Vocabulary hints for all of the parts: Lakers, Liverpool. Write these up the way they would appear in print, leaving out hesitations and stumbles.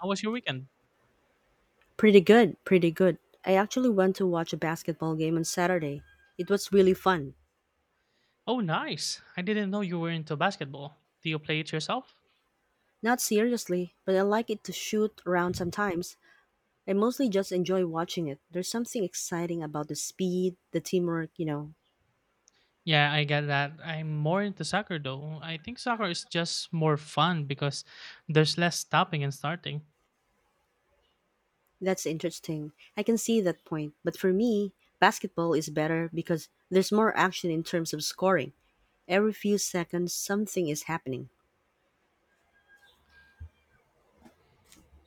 How was your weekend? Pretty good, pretty good. I actually went to watch a basketball game on Saturday. It was really fun. Oh, nice. I didn't know you were into basketball. Do you play it yourself? Not seriously, but I like it to shoot around sometimes. I mostly just enjoy watching it. There's something exciting about the speed, the teamwork, you know. Yeah, I get that. I'm more into soccer though. I think soccer is just more fun because there's less stopping and starting. That's interesting. I can see that point. But for me, basketball is better because there's more action in terms of scoring. Every few seconds, something is happening.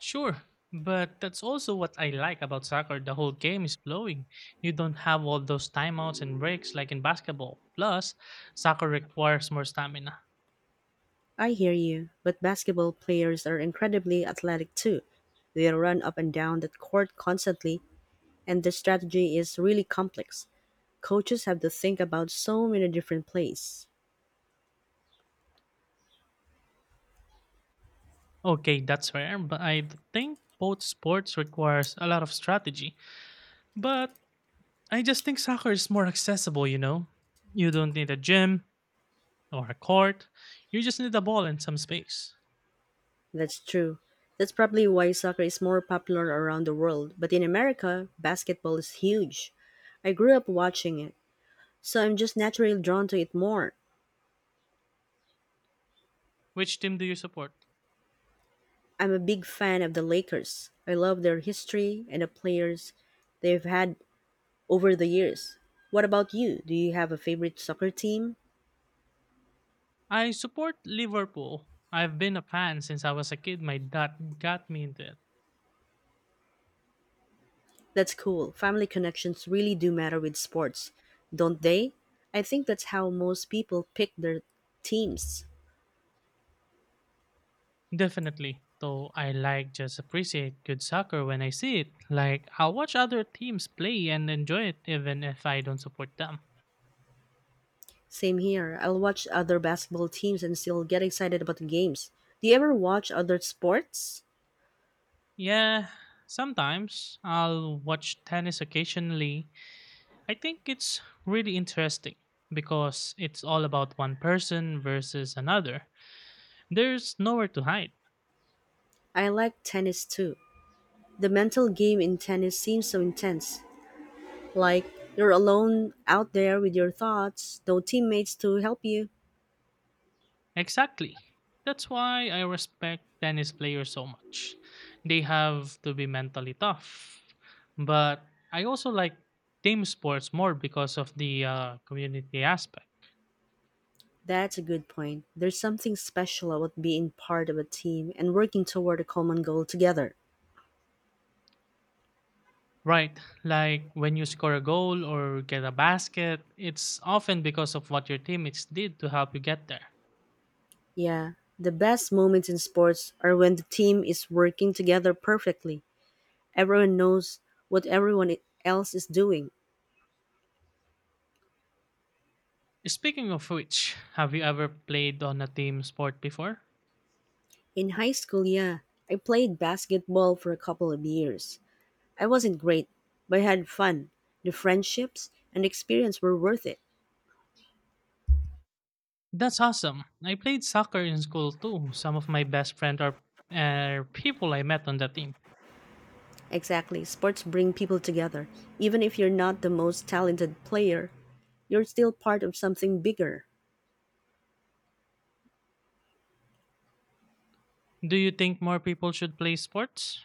Sure, but that's also what I like about soccer. The whole game is flowing. You don't have all those timeouts and breaks like in basketball. Plus, soccer requires more stamina. I hear you, but basketball players are incredibly athletic too. They run up and down the court constantly, and the strategy is really complex. Coaches have to think about so many different plays. Okay, that's fair, but I think both sports requires a lot of strategy. But I just think soccer is more accessible, you know? You don't need a gym or a court. You just need a ball and some space. That's true. That's probably why soccer is more popular around the world, but in America, basketball is huge. I grew up watching it, so I'm just naturally drawn to it more. Which team do you support? I'm a big fan of the Lakers. I love their history and the players they've had over the years. What about you? Do you have a favorite soccer team? I support Liverpool. I've been a fan since I was a kid. My dad got me into it. That's cool. Family connections really do matter with sports, don't they? I think that's how most people pick their teams. Definitely. Though I like just appreciate good soccer when I see it. Like I'll watch other teams play and enjoy it even if I don't support them. Same here. I'll watch other basketball teams and still get excited about the games. Do you ever watch other sports? Yeah, sometimes I'll watch tennis occasionally. I think it's really interesting because it's all about one person versus another. There's nowhere to hide. I like tennis too. The mental game in tennis seems so intense. Like you're alone out there with your thoughts, no teammates to help you. Exactly. That's why I respect tennis players so much. They have to be mentally tough. But I also like team sports more because of the community aspect. That's a good point. There's something special about being part of a team and working toward a common goal together. Right, like when you score a goal or get a basket, it's often because of what your teammates did to help you get there. Yeah, the best moments in sports are when the team is working together perfectly. Everyone knows what else is doing. Speaking of which, have you ever played on a team sport before? In high school, yeah, I played basketball for a couple of years. I wasn't great, but I had fun. The friendships and experience were worth it. That's awesome. I played soccer in school too. Some of my best friends are people I met on the team. Exactly. Sports bring people together. Even if you're not the most talented player, you're still part of something bigger. Do you think more people should play sports?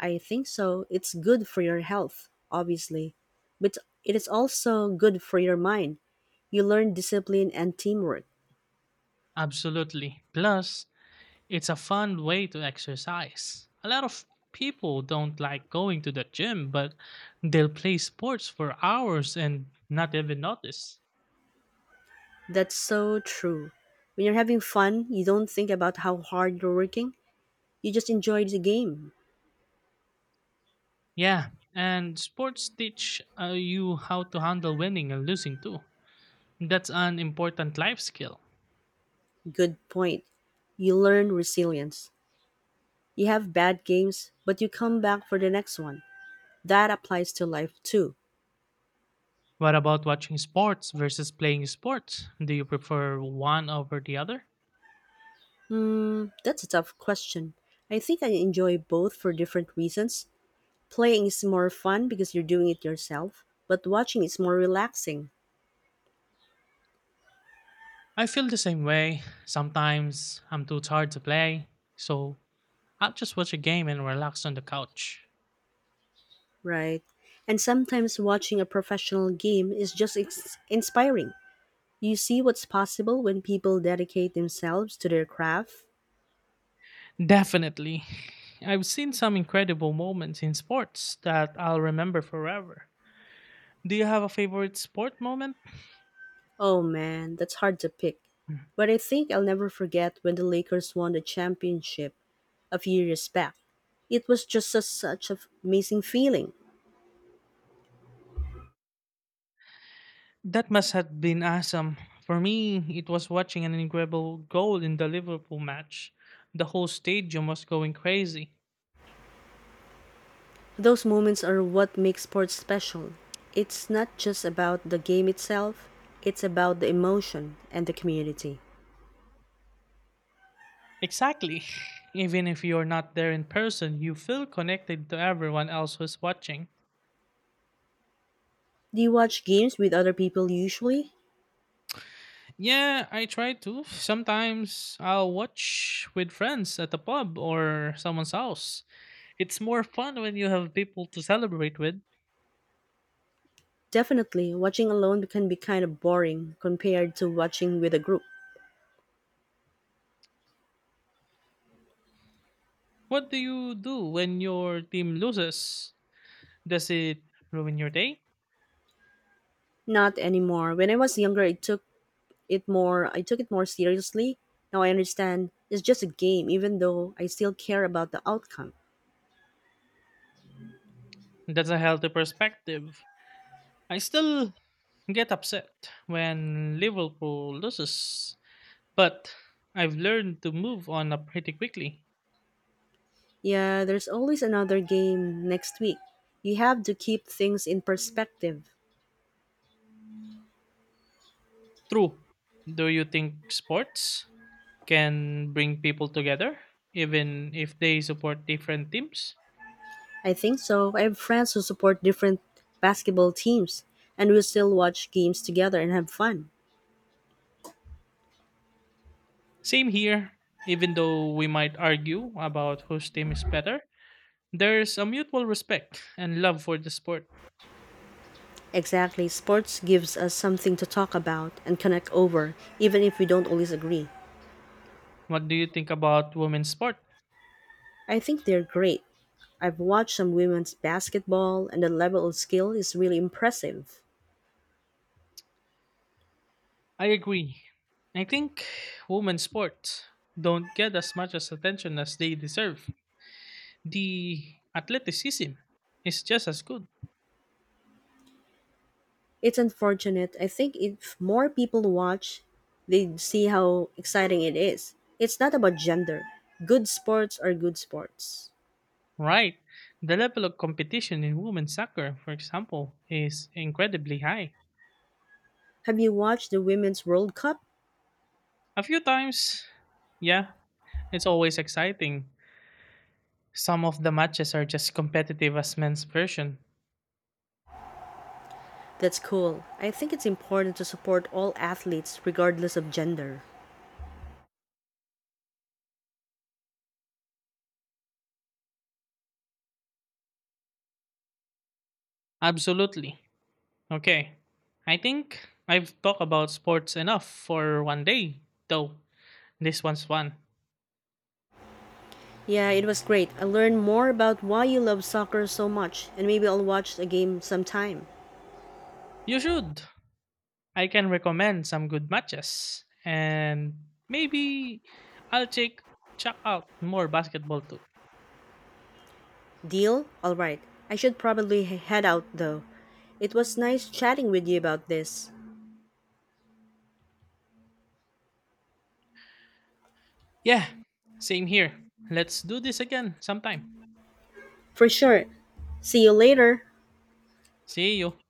I think so. It's good for your health, obviously, but it is also good for your mind. You learn discipline and teamwork. Absolutely. Plus, it's a fun way to exercise. A lot of people don't like going to the gym, but they'll play sports for hours and not even notice. That's so true. When you're having fun, you don't think about how hard you're working. You just enjoy the game. Yeah, and sports teach you how to handle winning and losing too. That's an important life skill. Good point. You learn resilience. You have bad games, but you come back for the next one. That applies to life too. What about watching sports versus playing sports? Do you prefer one over the other? That's a tough question. I think I enjoy both for different reasons. Playing is more fun because you're doing it yourself, but watching is more relaxing, I feel the same way. Sometimes I'm too tired to play, so I'll just watch a game and relax on the couch. right? And sometimes watching a professional game is just inspiring. You see what's possible when people dedicate themselves to their craft. Definitely. I've seen some incredible moments in sports that I'll remember forever. Do you have a favorite sport moment? Oh man, that's hard to pick. But I think I'll never forget when the Lakers won the championship a few years back. It was such an amazing feeling. That must have been awesome. For me, it was watching an incredible goal in the Liverpool match. The whole stadium was going crazy. Those moments are what make sports special. It's not just about the game itself, it's about the emotion and the community. Exactly. Even if you're not there in person, you feel connected to everyone else who's watching. Do you watch games with other people usually? Yeah, I try to. Sometimes I'll watch with friends at the pub or someone's house. It's more fun when you have people to celebrate with. Definitely, watching alone can be kind of boring compared to watching with a group. What do you do when your team loses? Does it ruin your day? Not anymore. When I was younger, I took it more seriously. Now I understand it's just a game even though I still care about the outcome. That's a healthy perspective. I still get upset when Liverpool loses, but I've learned to move on up pretty quickly. Yeah, there's always another game next week. You have to keep things in perspective. True. Do you think sports can bring people together, even if they support different teams? I think so. I have friends who support different basketball teams, and we still watch games together and have fun. Same here, even though we might argue about whose team is better. There's a mutual respect and love for the sport. Exactly. Sports gives us something to talk about and connect over, even if we don't always agree. What do you think about women's sport? I think they're great. I've watched some women's basketball, and the level of skill is really impressive. I agree. I think women's sports don't get as much as attention as they deserve. The athleticism is just as good. It's unfortunate. I think if more people watch, they'd see how exciting it is. It's not about gender. Good sports are good sports. Right. The level of competition in women's soccer, for example, is incredibly high. Have you watched the Women's World Cup? A few times, yeah, it's always exciting. Some of the matches are just competitive as men's version. That's cool. I think it's important to support all athletes regardless of gender. Absolutely. Okay. I think I've talked about sports enough for one day, though this one's fun. Yeah, it was great. I learned more about why you love soccer so much, and maybe I'll watch a game sometime. You should. I can recommend some good matches, and maybe I'll check out more basketball too. Deal? Alright. I should probably head out though. It was nice chatting with you about this. Yeah, same here. Let's do this again sometime. For sure. See you later. See you.